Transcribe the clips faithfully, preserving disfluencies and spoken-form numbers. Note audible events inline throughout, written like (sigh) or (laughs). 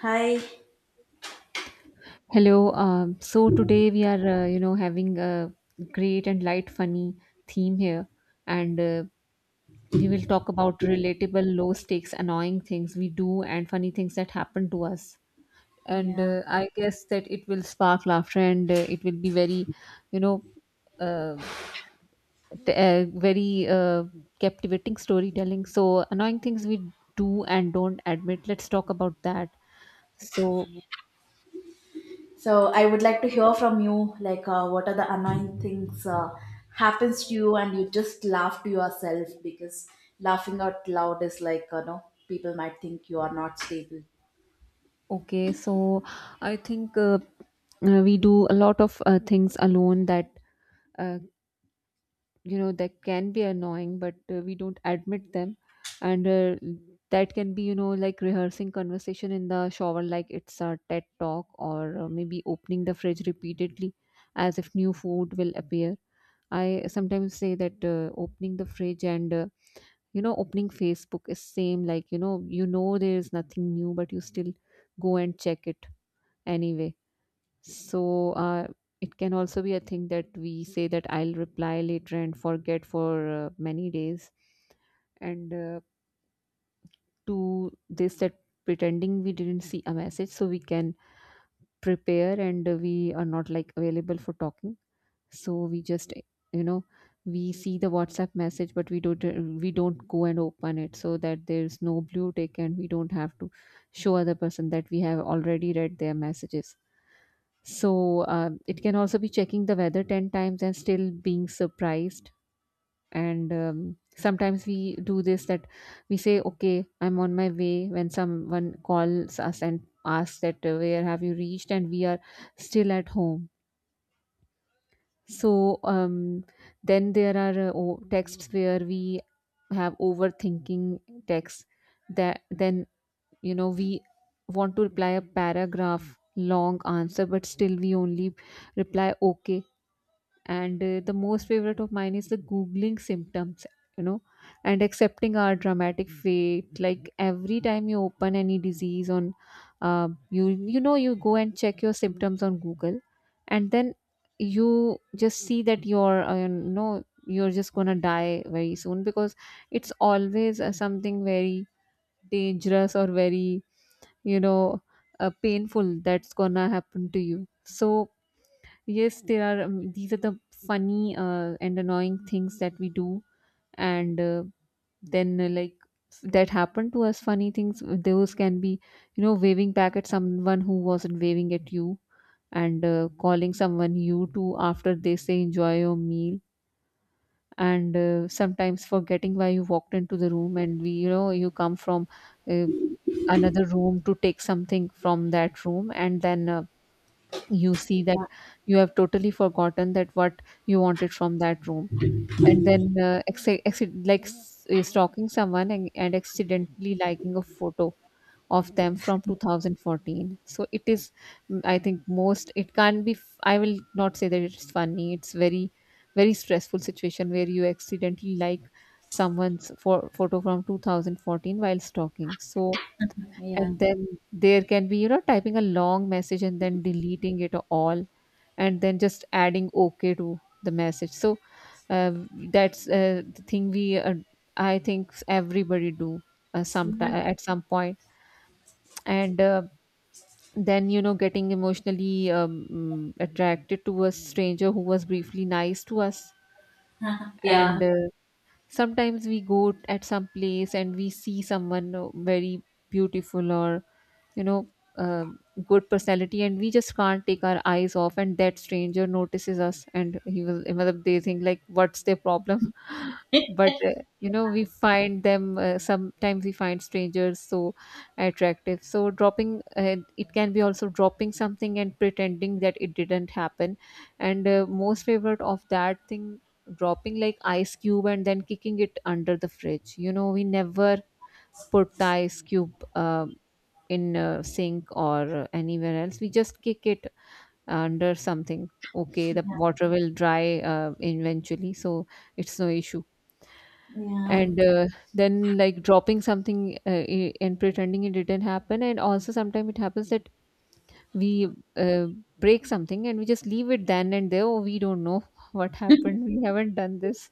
Hi. Hello. Um, so today we are, uh, you know, having a great and light, funny theme here, and uh, we will talk about relatable, low stakes, annoying things we do and funny things that happen to us. And Yeah. uh, I guess that it will spark laughter, and uh, it will be very, you know, uh, t- uh, very uh, captivating storytelling. So annoying things we do and don't admit. Let's talk about that. So So I would like to hear from you, like, uh, what are the annoying things uh, happens to you, and you just laugh to yourself because laughing out loud is like, you know, people might think you are not stable. Okay, so I think uh, uh, we do a lot of uh, things alone that uh, you know that can be annoying, but uh, we don't admit them, and uh, that can be, you know, like rehearsing conversation in the shower, like it's a TED talk, or uh, maybe opening the fridge repeatedly as if new food will appear. I sometimes say that uh, opening the fridge and uh, you know opening Facebook is same, like, you know you know there is nothing new, but you still go and check it anyway. So uh, it can also be a thing that we say that I'll reply later and forget for uh, many days, and uh, to this, that pretending we didn't see a message so we can prepare and uh, we are not like available for talking, so we just, you know, we see the WhatsApp message but we don't uh, we don't go and open it so that there's no blue tick and we don't have to show other person that we have already read their messages. So uh, it can also be checking the weather ten times and still being surprised. And um, sometimes we do this, that we say okay, I'm on my way, when someone calls us and asks that uh, where have you reached, and we are still at home. So um, then there are uh, o- texts where we have overthinking texts that then, you know, we want to reply a paragraph long answer but still we only reply okay. And uh, the most favorite of mine is the googling symptoms, you know, and accepting our dramatic fate, like every time you open any disease on uh, you you know you go and check your symptoms on Google, and then you just see that you're uh, you know you're just gonna die very soon, because it's always uh, something very dangerous or very, you know, uh, painful that's gonna happen to you. So yes, there are um, these are the funny uh, and annoying things that we do. And uh, then uh, like that happened to us, funny things, those can be, you know, waving back at someone who wasn't waving at you, and uh, calling someone you to after they say enjoy your meal, and uh, sometimes forgetting why you walked into the room, and we, you know, you come from uh, another room to take something from that room, and then uh, you see that you have totally forgotten that what you wanted from that room. And then uh, acci- acci- like s- uh, stalking someone, and, and accidentally liking a photo of them from two thousand fourteen. So it is, mm, I think most, it can not be f- I will not say that it's funny, it's very very stressful situation where you accidentally like someone's for, photo from two thousand fourteen while stalking. So Yeah. and then there can be, you know, typing a long message and then deleting it all and then just adding okay to the message. So uh, that's uh, the thing we uh, I think everybody do uh, Yeah. sometime at some point point. And uh, then, you know, getting emotionally um, mm, attracted to a stranger who was briefly nice to us. Yeah. And uh, sometimes we go at some place and we see someone uh, very beautiful or, you know, uh, good personality, and we just can't take our eyes off, and that stranger notices us and he will मतलब they think like what's their problem. (laughs) But uh, you know, we find them uh, sometimes we find strangers so attractive. So dropping uh, it can be also dropping something and pretending that it didn't happen. And uh, most favorite of that thing, dropping like ice cube and then kicking it under the fridge. You know, we never put the ice cube uh, in a sink or anywhere else, we just kick it under something. Okay, the water will dry uh, eventually, so it's no issue. Yeah. And uh, then, like dropping something uh, i- and pretending it didn't happen. And also sometimes it happens that we uh, break something and we just leave it then and there, oh we don't know (laughs) what happened, we haven't done this.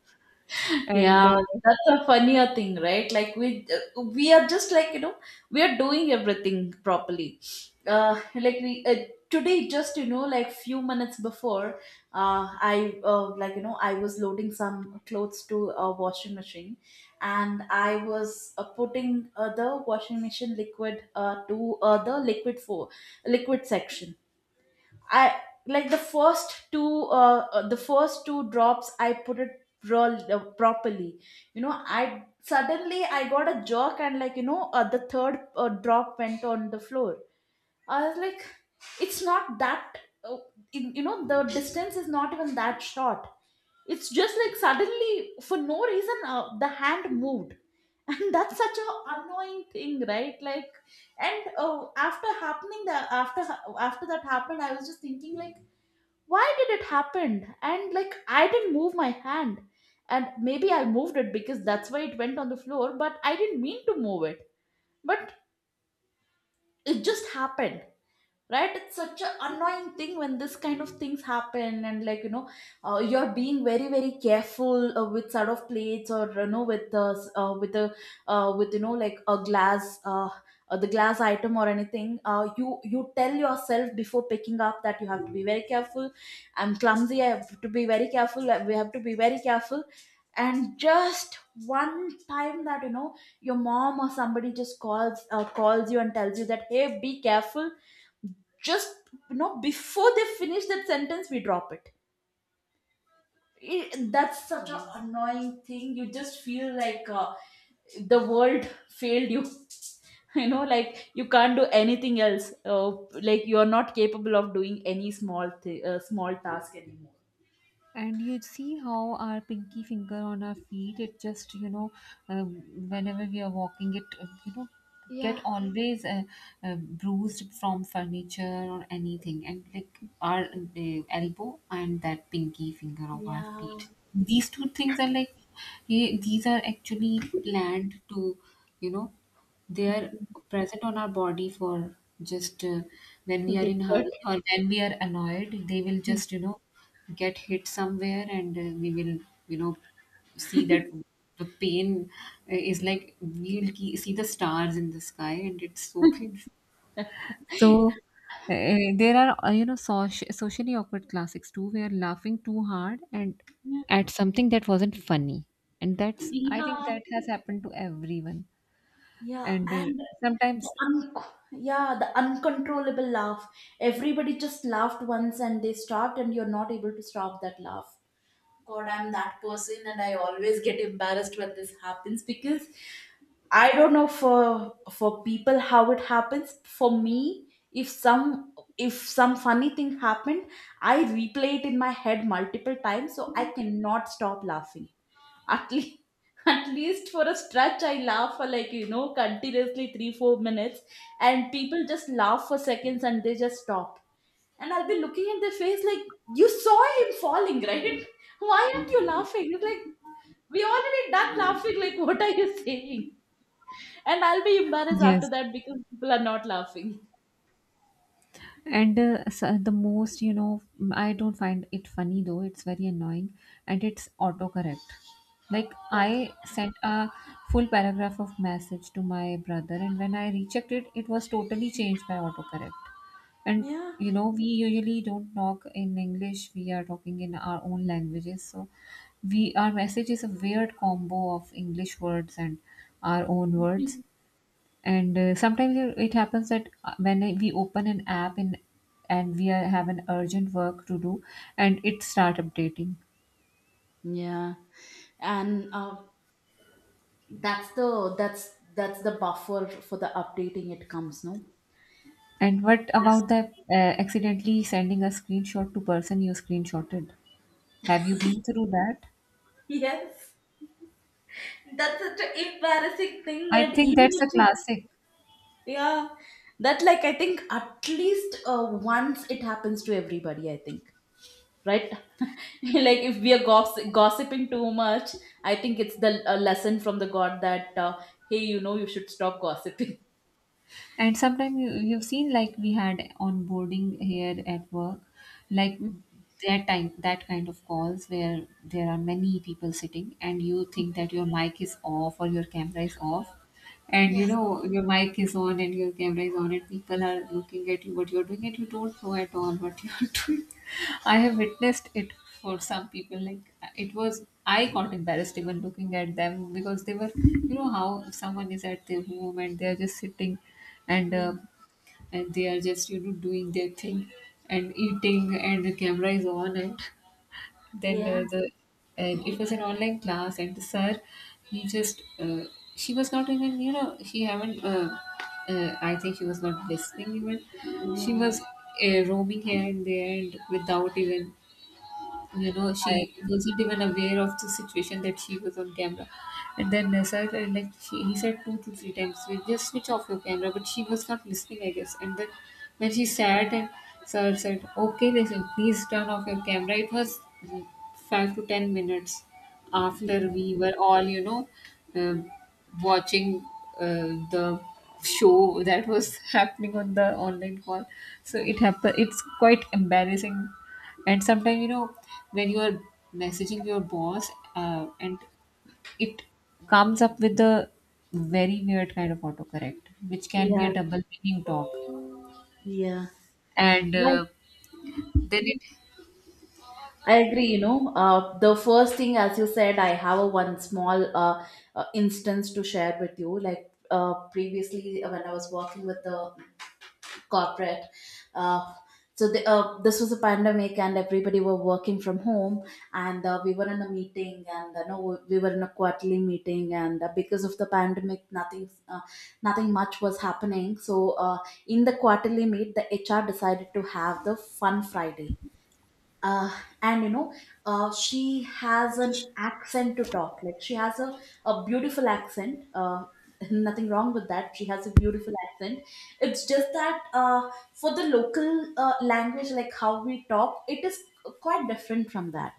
And Yeah, uh, that's a funnier thing, right? Like we uh, we are just like, you know, we are doing everything properly. Uh, like we uh, today, just, you know, like, few minutes before, uh, I uh, like, you know, I was loading some clothes to a washing machine, and I was uh, putting uh, the washing machine liquid uh, to uh, the liquid for liquid section. I, like, the first two uh, uh, the first two drops I put it raw, uh, properly. You know, I suddenly I got a jerk, and like, you know, uh, the third uh, drop went on the floor. I was like, it's not that, uh, in- you know, the distance is not even that short. It's just like suddenly, for no reason, uh, the hand moved. (laughs) And that's such a annoying thing, right? Like, and uh, after happening that, after ha- after that happened, I was just thinking like, why did it happen? And like, I didn't move my hand, and maybe I moved it because that's why it went on the floor, but I didn't mean to move it. But it just happened. Right, it's such an annoying thing when this kind of things happen. And like, you know, uh, you're being very very careful uh, with sort of plates, or you know, with the s- uh, with the uh, with, you know, like a glass uh, uh, the glass item or anything. Uh, you, you tell yourself before picking up that you have to be very careful. I'm clumsy, I have to be very careful. Like, we have to be very careful, and just one time that, you know, your mom or somebody just calls, uh, calls you and tells you that, hey, be careful, just, you know, before they finish that sentence we drop it it, that's such an Yes. annoying thing. You just feel like uh, the world failed you. (laughs) You know, like you can't do anything else, uh, like you're not capable of doing any small thi- uh, small task anymore. And you see how our pinky finger on our feet, it just, you know, uh, whenever we are walking, it, uh, you know, get Yeah. always uh, uh, bruised from furniture or anything. And like our uh, elbow and that pinky finger of our Yeah. feet. These two things are like, eh, these are actually planned to, you know, they are present on our body for just uh, when we are Get in hurry hurt. or when we are annoyed, they will just, you know, get hit somewhere. And uh, we will, you know, see that the pain uh, is like we will ke- see the stars in the sky, and it's so (laughs) painful. (laughs) So uh, there are uh, you know, soci- socially awkward classics too, where laughing too hard and at something that wasn't funny, and that's, I think Yeah. that has happened to everyone. Yeah, And uh, and the sometimes un- yeah, the uncontrollable laugh. Everybody just laughed once and they stopped, and you're not able to stop that laugh. God, I'm that person, and I always get embarrassed when this happens because I don't know for for people how it happens. For me, if some if some funny thing happened, I replay it in my head multiple times, so I cannot stop laughing. At least, (laughs) at least for a stretch, I laugh for like, you know, continuously three, four minutes, and people just laugh for seconds and they just stop. And I'll be looking at their face like, you saw him falling, right? (laughs) Why aren't you laughing? It's like, we already done laughing. Like, (laughs) what are you saying? And I'll be embarrassed after Yes. that because people are not laughing. And uh, s- uh, the most, you know, mm, I don't find it funny though, it's very annoying. And it's autocorrect. Like, Oh, God. I sent a full paragraph of message to my brother, and when I rechecked it, it was totally changed by autocorrect. And, Yeah. you know, we usually don't talk in English, we are talking in our own languages. So, we our message is a weird combo of English words and our own words. (laughs) And uh, sometimes it it happens that uh, when I- we open an app in, and we are, have an urgent work to do, and it start updating. Yeah, and uh, that's the that's that's the buffer for the updating it comes, no? And what about the uh, accidentally sending a screenshot to person you screenshotted, have you been through that? (laughs) Yes. That's such an embarrassing thing, I and think even that's if a you, classic. yeah, that, like, I think at least uh, once it happens to everybody. I think, right, (laughs) like if we are gossip, gossiping too much, I think it's the uh, lesson from the God that, uh, hey, you know, you should stop gossiping. And sometimes you, you've seen, like, we had onboarding here at work, like Mm. that time, that kind of calls where there are many people sitting and you think that your mic is off or your camera is off, and you Yes. know your mic is on and your camera is on and people are looking at you what you're doing, and you don't know at all what (laughs) you're doing. I have witnessed it. For some people like, uh, it was, I got embarrassed even looking at them, because they were, you know, how someone is at their home and they're just sitting, and Yeah, uh, and they are just, you know, doing their thing and eating and the camera is on. And then yeah, uh, the and it was an online class, and the sir, he just uh, she was not even, you know, she haven't uh, uh, I think she was not listening even. She was yeah, uh, roaming here and there, and without even, you know, she I, wasn't even aware of the situation that she was on camera. And then uh, sir, uh, like she, he said two to three times, we just switch off your camera, but she was not listening, I guess. And then when she sat, and sir said, okay listen, please turn off your camera. It was, mm, five to ten minutes yeah, after, we were all, you know, um watching uh, the show that was (laughs) happening on the online call. So it happened, it's quite embarrassing. And sometimes, you know, when you are messaging your boss, uh, and it comes up with a very weird kind of autocorrect, which can be a yeah. double meaning talk. Yeah. And Right. uh, then it I agree, you know. Uh, the first thing, as you said, I have a one small uh, uh, instance to share with you. Like, uh, previously, uh, when I was working with the corporate, uh, so the, uh, this was a pandemic and everybody were working from home, and uh, we were in a meeting, and uh, no, we were in a quarterly meeting, and uh, because of the pandemic, nothing, uh, nothing much was happening. So uh, in the quarterly meet, the H R decided to have the Fun Friday, uh, and you know, uh, she has an accent to talk, like she has a, a beautiful accent, uh, (laughs) nothing wrong with that, she has a beautiful accent. It's just that uh, for the local uh, language, like how we talk, it is quite different from that.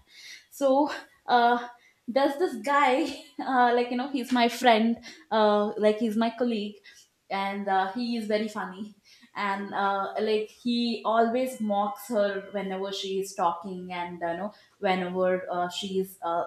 So uh, there's this guy (laughs) uh, like you know, he's my friend, uh, like he's my colleague. And uh, he is very funny, and uh, like, he always mocks her whenever she is talking. And you know, whenever uh, she is uh,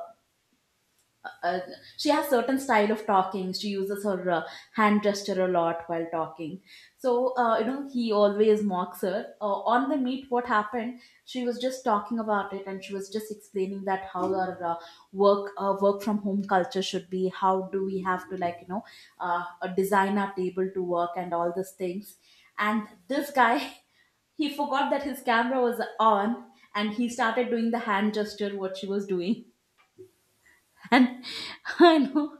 uh, she has certain style of talking, she uses her uh, hand gesture a lot while talking. So uh, you know, he always mocks her uh, on the meet. What happened, she was just talking about it, and she was just explaining that how our uh, work uh, work from home culture should be, how do we have to, like, you know, uh, design our table to work and all these things. And this guy (laughs) he forgot that his camera was on, and he started doing the hand gesture what she was doing. And (laughs) I know,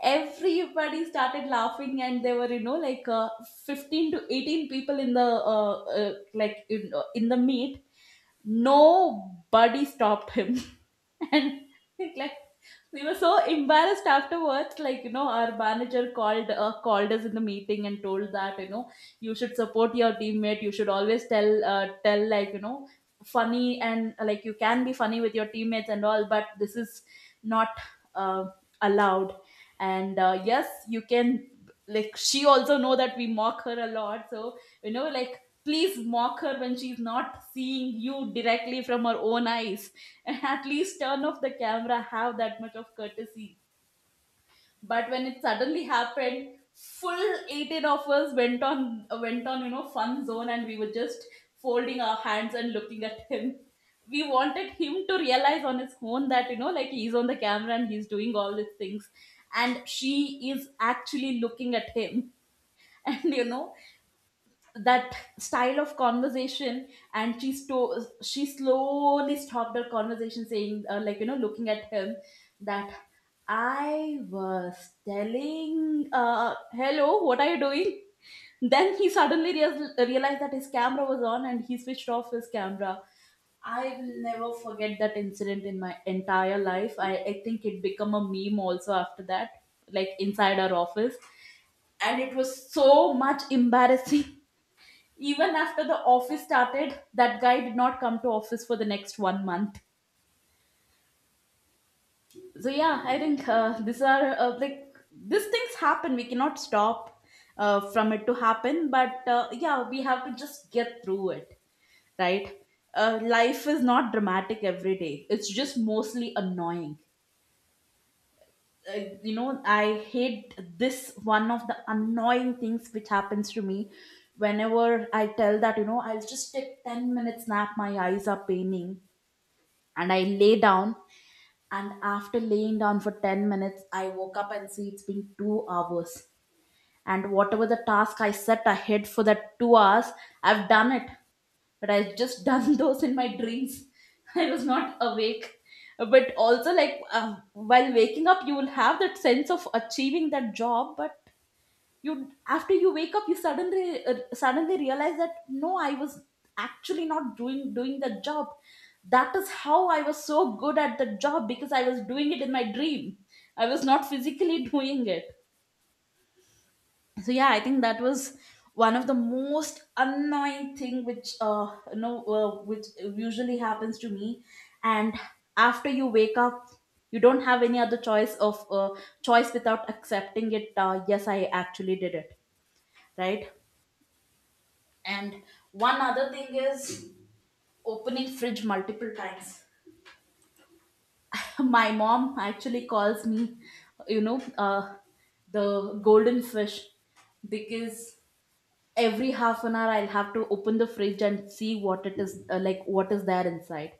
everybody started laughing, and there were, you know, like uh, fifteen to eighteen people in the uh, uh, like in, uh, in the meet. Nobody stopped him, (laughs) and like, we were so embarrassed afterwards. Like, you know, our manager called, uh, called us in the meeting and told that, you know, you should support your teammate, you should always tell uh, tell, like, you know, funny, and uh, like, you can be funny with your teammates and all, but this is not uh, allowed. And uh, yes, you can, like, she also know that we mock her a lot. So, you know, like, please mock her when she's not seeing you directly from her own eyes, (laughs) and at least turn off the camera, have that much of courtesy. But when it suddenly happened, full eighteen of us went on went on, you know, fun zone, and we were just folding our hands and looking at (laughs) him. We wanted him to realize on his own that, you know, like, he's on the camera and he's doing all these things, and she is actually looking at him. (laughs) And you know, that style of conversation, and she sto- she slowly stopped her conversation, saying, uh, like, you know, looking at him, that I was telling, uh, hello, what are you doing? Then he suddenly reas realized that his camera was on, and he switched off his camera. I will never forget that incident in my entire life i, I think it became a meme also after that, like, inside our office, and it was so much embarrassing. Even after the office started, that guy did not come to office for the next one month. So yeah, I think uh, these are uh, like, these things happen. We cannot stop uh, from it to happen, but uh, yeah, we have to just get through it, right? Uh, life is not dramatic every day. It's just mostly annoying. Uh, you know, I hate this, one of the annoying things which happens to me, whenever I tell that, you know, I'll just take ten minutes nap. My eyes are paining and I lay down. And after laying down for ten minutes, I woke up and see it's been two hours. And whatever the task I set ahead for that two hours, I've done it. But I've just done (laughs) those in my dreams. I was not awake. But also, like, uh, while waking up, you will have that sense of achieving that job, but you after you wake up you suddenly uh, suddenly realize that no, I was actually not doing doing the job. That is how I was so good at the job, because I was doing it in my dream, I was not physically (laughs) doing it. So yeah, I think that was one of the most annoying thing which uh you know uh, which usually happens to me. And after you wake up, you don't have any other choice of uh, choice without accepting it. Uh, yes, I actually did it, right. And one other thing is opening fridge multiple times. (laughs) My mom actually calls me, you know, uh, the golden fish because every half an hour i'll have to open the fridge and see what it is uh, like what is there inside,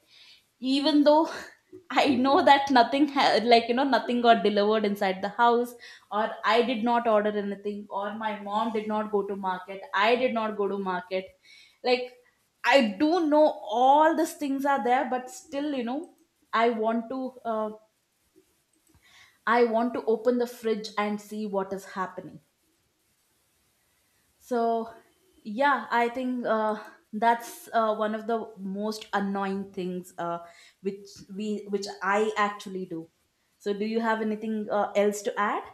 even though (laughs) I know that nothing ha- like you know nothing got delivered inside the house, or I did not order anything, or my mom did not go to market, I did not go to market like I do know all these things are there, but still you know I want to uh, I want to open the fridge and see what is happening. So, yeah, I think uh, that's uh, one of the most annoying things uh, which we which I actually do. So, do you have anything uh, else to add?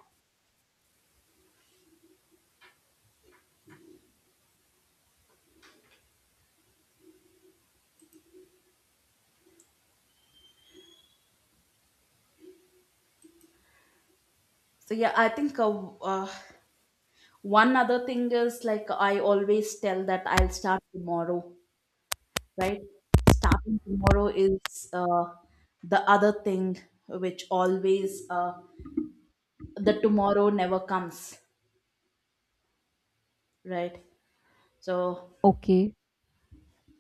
So, yeah, I think uh, uh, one other thing is, like, I always tell that I'll start tomorrow, right? Starting tomorrow is uh, the other thing which always uh, the tomorrow never comes, right? So Okay.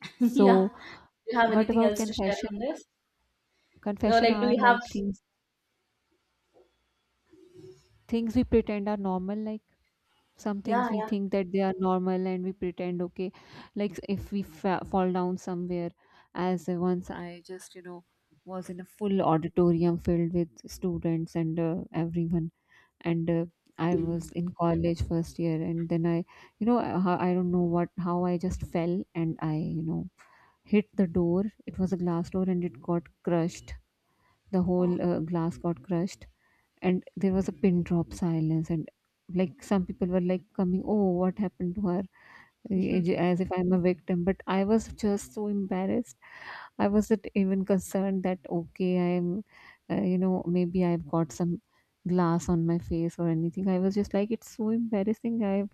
(laughs) yeah. So Do you have what anything about else to share confession? on this? So, Confession like, do are you have? like things things we pretend are normal, like some Yeah, things we yeah. think that they are normal and we pretend okay. Like if we fa- fall down somewhere, as uh, once I just you know was in a full auditorium filled with students and uh, everyone, and uh, I was in college first year and then i you know I, ho- I don't know what how I just fell, and I you know hit the door. It was a glass door and it got crushed, the Oh. whole uh, glass got crushed. And there was a pin drop silence, and like some people were like coming, oh what happened to her, (laughs) eh, as if I'm a victim, but I was just so embarrassed. I wasn't even concerned that okay I'm, uh, you know maybe I've got some glass on my face or anything. I was just like, it's so embarrassing. I have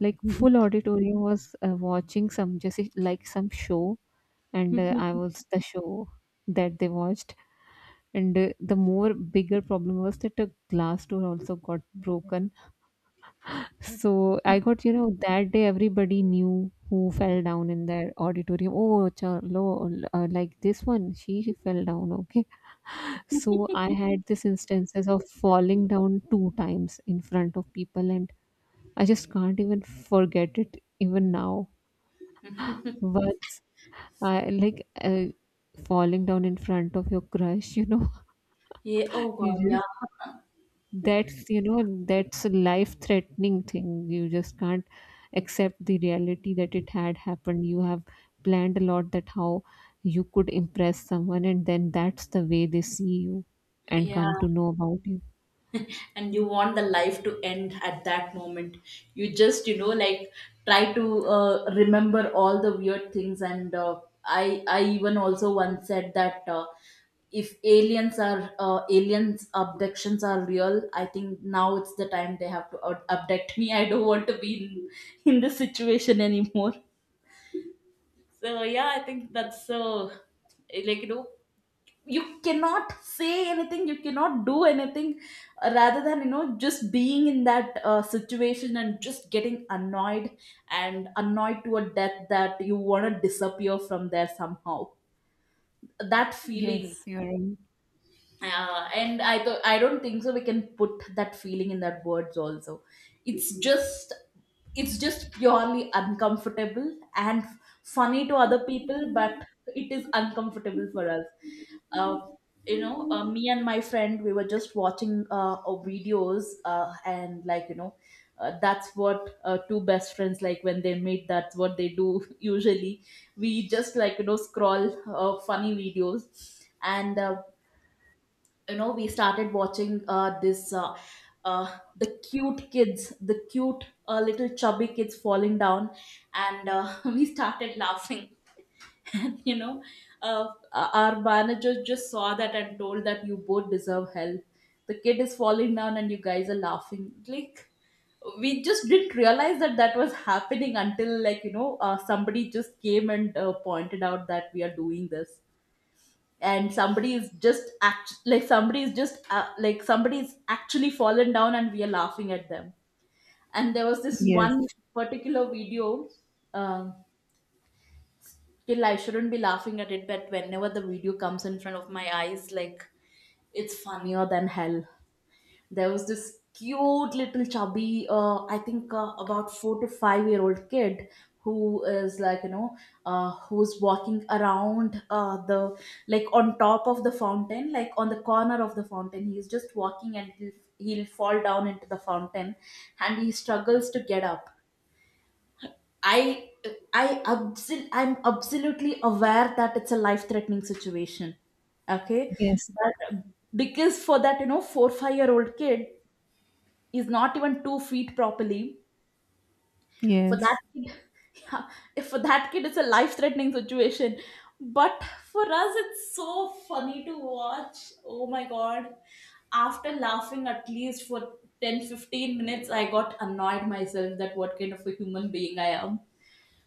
like full auditorium was uh, watching some, just like some show, and uh, I was the show that they watched. And uh, the more bigger problem was that a glass door also got broken. So I got, you know, that day everybody knew who fell down in their auditorium. Oh chalo, uh, like this one she fell down, okay. So I had this instances of falling down two times in front of people, and I just can't even forget it even now. Once I, like uh, falling down in front of your crush, you know. Yeah. Oh (laughs) God. You, Yeah. that's, you know, that's a life threatening thing. You just can't accept the reality that it had happened. You have planned a lot that how you could impress someone, and then that's the way they see you and Yeah. come to know about you. (laughs) And you want the life to end at that moment. You just, you know, like, try to uh, remember all the weird things. And uh, I, I even also once said that. Uh, if aliens are uh, aliens abductions are real, I think now it's the time they have to ab- abduct me. (laughs) I don't want to be in, in this situation anymore. So yeah, I think that's so, like, you know, you cannot say anything, you cannot do anything, uh, rather than, you know, just being in that uh, situation and just getting annoyed, and annoyed to a depth that you want to disappear from there somehow. That feeling. Yes, you're right. Uh, and I th- I don't think so. We can put that feeling in that words also. It's just it's just purely uncomfortable and funny to other people, but it is uncomfortable for us. Uh, you know, uh, me and my friend, we were just watching uh, uh, videos, uh, and, like, you know, uh, that's what uh, two best friends like when they meet, that's what they do (laughs) usually. We just, like, you know, scroll uh, funny videos, and uh, you know we started watching uh, this uh, uh, the cute kids, the cute uh, little chubby kids falling down, and uh, (laughs) we started laughing (laughs) and you know uh, our manager just saw that and told that you both deserve hell, the kid is falling down and you guys are laughing. Like, we just didn't realize that that was happening until, like, you know, uh, somebody just came and uh, pointed out that we are doing this and somebody is just act like somebody is just uh, like somebody's actually fallen down and we are laughing at them. And there was this Yes, one particular video, um still I shouldn't be laughing at it, but whenever the video comes in front of my eyes, like, it's funnier than hell. There was this cute little chubby uh, i think uh, about four to five year old kid who is, like, you know, uh, who's walking around uh, the like on top of the fountain, like on the corner of the fountain, he's just walking and he'll he'll fall down into the fountain, and he struggles to get up. I i absol- i'm absolutely aware that it's a life threatening situation, okay, yes, but because for that, you know, four five year old kid is not even two feet properly. For that yes. kid, (laughs) yeah, if for that kid, it's a life threatening situation. But for us, it's so funny to watch. Oh my god. After laughing at least for ten fifteen minutes, I got annoyed myself that what kind of a human being I am.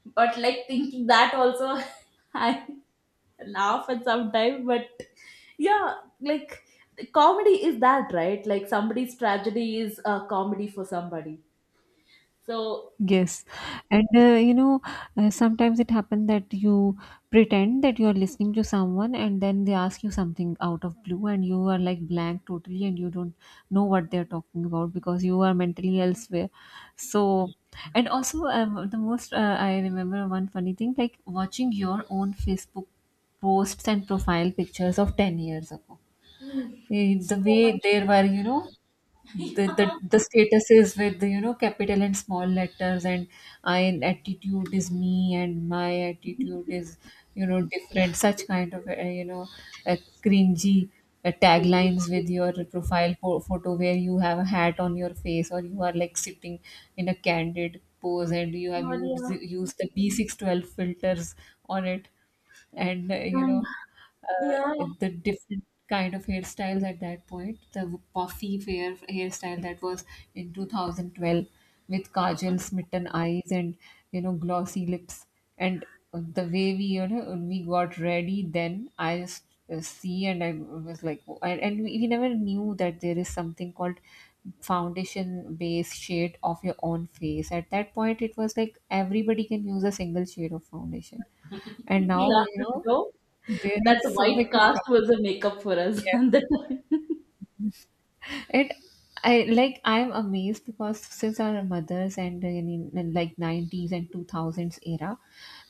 But, like, thinking that also, (laughs) I laugh at sometimes, but yeah, like, the comedy is that, right? Like, somebody's tragedy is a comedy for somebody. So Yes. And uh, you know, uh, sometimes it happens that you pretend that you are listening to someone, and then they ask you something out of blue and you are like blank totally, and you don't know what they're talking about because you are mentally elsewhere. So, and also um, the most uh, I remember one funny thing, like watching your own Facebook posts and profile pictures of ten years ago. mm. Eh, the So way much. there were, you know, (laughs) the, the Yeah. the statuses with the, you know, capital and small letters, and I attitude is me and my attitude is, you know, different, such kind of uh, you know uh, cringy uh, taglines with your profile pho- photo, where you have a hat on your face or you are like sitting in a candid pose, and you have used Claudia. used the B six twelve filters on it. And uh, you And know uh, yeah. the different kind of hairstyles at that point, the puffy hair hairstyle that was in two thousand twelve, with kajal smitten eyes and you know glossy lips. And the way we, you know, we got ready then, I just uh, see and I was like, oh, and, and we we never knew that there is something called foundation base shade of your own face. At that point it was like everybody can use a single shade of foundation. And now Yeah, you know no, there are that so many white cast problems. was a makeup for us (laughs) Yes. at the time. And I like, i'm amazed, because since our mothers and uh, in, in like nineties and two thousands era,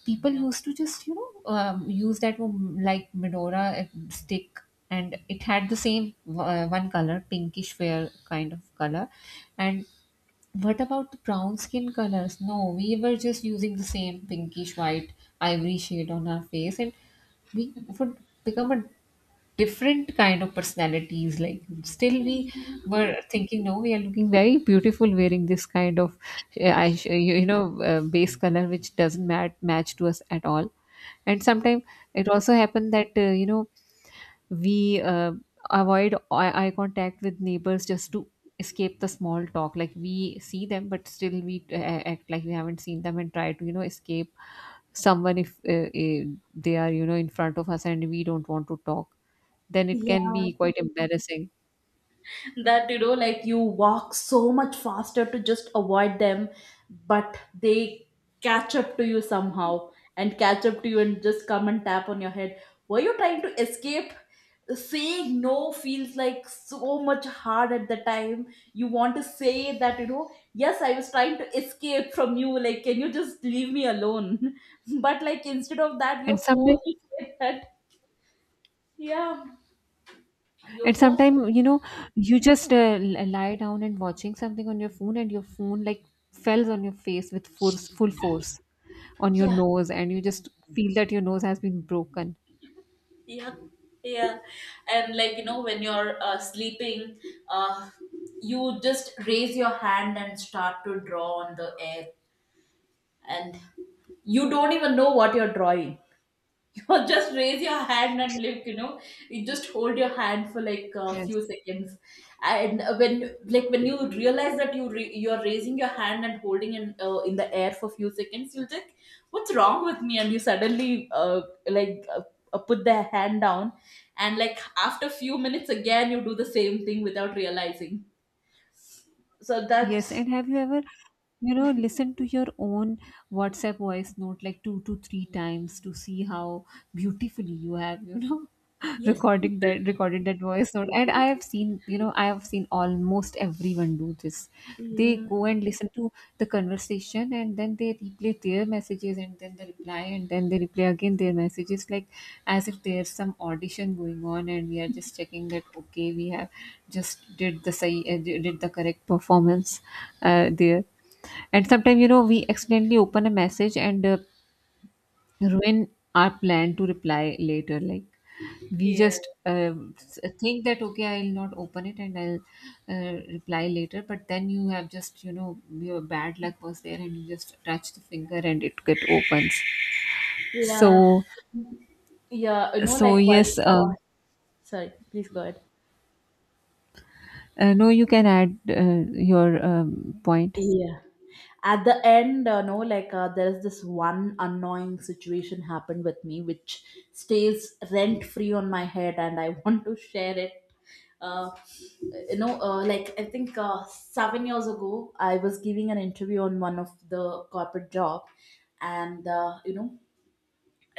people Yeah. used to just, you know, um, use that um, like menorah uh, stick. And it had the same uh, one color, pinkish fair kind of color. And what about the brown skin colors? No, we were just using the same pinkish white ivory shade on our face, and we would become a different kind of personalities. Like still we were thinking no, we are looking very beautiful wearing this kind of uh, eye- you you know uh, base color which doesn't mat- match to us at all. And sometimes it also happened that uh, you know, we uh, avoid eye eye contact with neighbors just to escape the small talk. Like we see them, but still we uh, uh, act like we haven't seen them, and try to, you know, escape someone if uh, uh, they are, you know, in front of us and we don't want to talk, then it can Yeah, be quite embarrassing. that, you know, like, you walk so much faster to just avoid them, but they catch up to you somehow, and catch up to you and just come and tap on your head. Were you trying to escape? Saying no feels like so much hard at the time. You want to say that, you know, yes, I was trying to escape from you, like, can you just leave me alone? (laughs) But, like, instead of that, and you're sometimes forced to say that. Yeah, you're and forced, sometimes, you know, you just uh, l- lie down and watching something on your phone, and your phone like falls on your face with force, full force, on your yeah. nose, and you just feel that your nose has been broken. Yeah, yeah. And, like, you know, when you're uh, sleeping, uh, you just raise your hand and start to draw on the air, and you don't even know what you're drawing. (laughs) Or just raise your hand and, like, you know, you just hold your hand for like a Yes. few seconds, and when, like, when you realize that you re- you are raising your hand and holding in uh, in the air for a few seconds, you'll think, "What's wrong with me?" And you suddenly uh, like uh, uh, put the hand down, and, like, after a few minutes again, you do the same thing without realizing. So Yes. that's And have you ever, you know, listened to your own WhatsApp voice note like two to three times to see how beautifully you have, you know, (laughs) yes, recording yeah, that recorded that voice note. And I have seen, you know, I have seen almost everyone do this. They yeah, go and listen to the conversation, and then they replay their messages, and then they reply, and then they replay again their messages, like as if there's some audition going on and we are just checking that okay, we have just did the sahi, uh, did the correct performance uh, there. And sometimes, you know, we accidentally open a message and uh, ruin our plan to reply later. Like we yeah. just uh, think that okay, I'll not open it and I'll uh, reply later, but then you have just, you know, your bad luck was there and you just touch the finger and it get opens. So, Yeah, you know, so like while yes. uh, uh, Sorry, please go ahead. Uh, no, you can add uh, your um, point. Yeah. At the end, uh, no, like, uh, there's this one annoying situation happened with me which stays rent free on my head, and I (laughs) want to share it. Uh, you know, uh, like, I think uh, seven years ago, I was giving an interview on one of the corporate job, and uh, you know,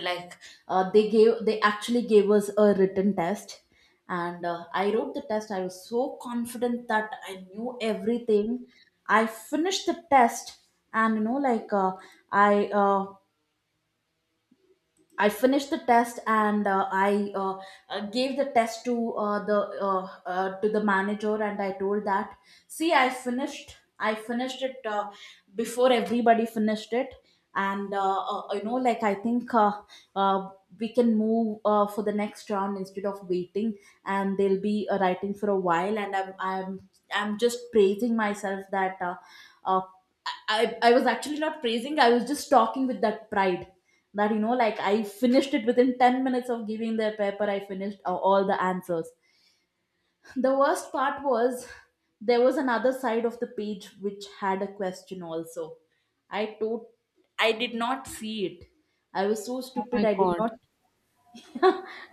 like, uh, they gave they actually gave us a written test, and uh, I wrote the test. I was so confident that I knew everything. I finished the test, and you know, like uh, i uh, I finished the test and uh, I uh, uh, gave the test to uh, the uh, uh, to the manager and I told that, see, I finished I finished it uh, before everybody finished it, and uh, uh, you know, like, I think uh, uh, we can move uh, for the next round instead of waiting, and they'll be uh, writing for a while, and I'm I'm I'm just praising myself that uh, uh, I I I was actually not praising, I was just talking with that pride, that, you know, like, I finished it within ten minutes of giving their paper. I finished a- all the answers. The worst part was there was another side of the page which had a question also, I told. I did not see it. I was so Oh stupid, my I did God. not (laughs)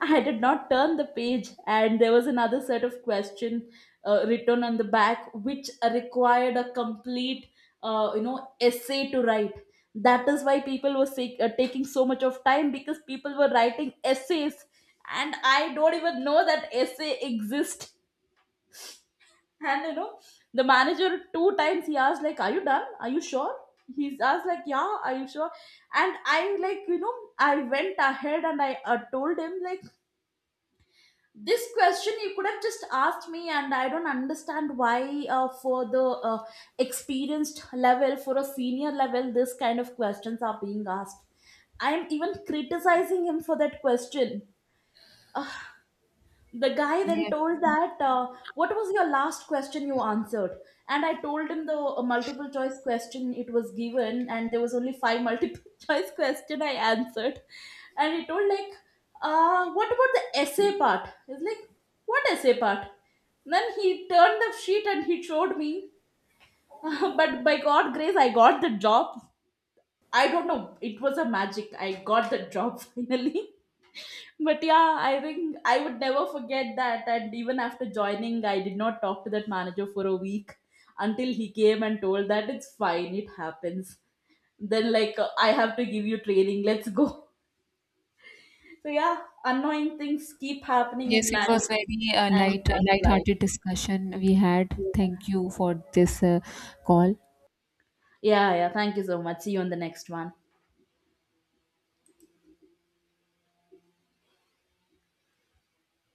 I did not turn the page, and there was another set of question uh, written on the back, which required a complete, uh, you know, essay to write. That is why people were sick, uh, taking so much of time, because people were writing essays, and I don't even know that essay exists. (laughs) And you know, the manager two times he asked like, "Are you done? Are you sure?" He's asked like, "Yeah, are you sure?" And I, like, you know, I went ahead and I uh, told him, like, this question you could have just asked me, and I don't understand why uh, for the uh, experienced level, for a senior level, this kind of questions are being asked. I am even criticizing him for that question. (laughs) The guy then Yes. told that uh, what was your last question you answered, and I told him the uh, multiple choice question it was given, and there was only five multiple (laughs) choice question I answered. And he told like, uh, what about the essay part? He's like, what essay part? Then he turned the sheet and he showed me. (laughs) But by god grace I got the job. I don't know, it was a magic, I got the job. (laughs) Finally, but yeah, I think I would never forget that. And even after joining, I did not talk to that manager for a week until he came and told that it's fine, it happens. Then, like, uh, I have to give you training, let's go. (laughs) So, yeah, annoying things keep happening in Yes, it was life, very uh, and light, that's life. light-hearted discussion we had. Thank you for this uh, call. Yeah, yeah, thank you so much. See you on the next one.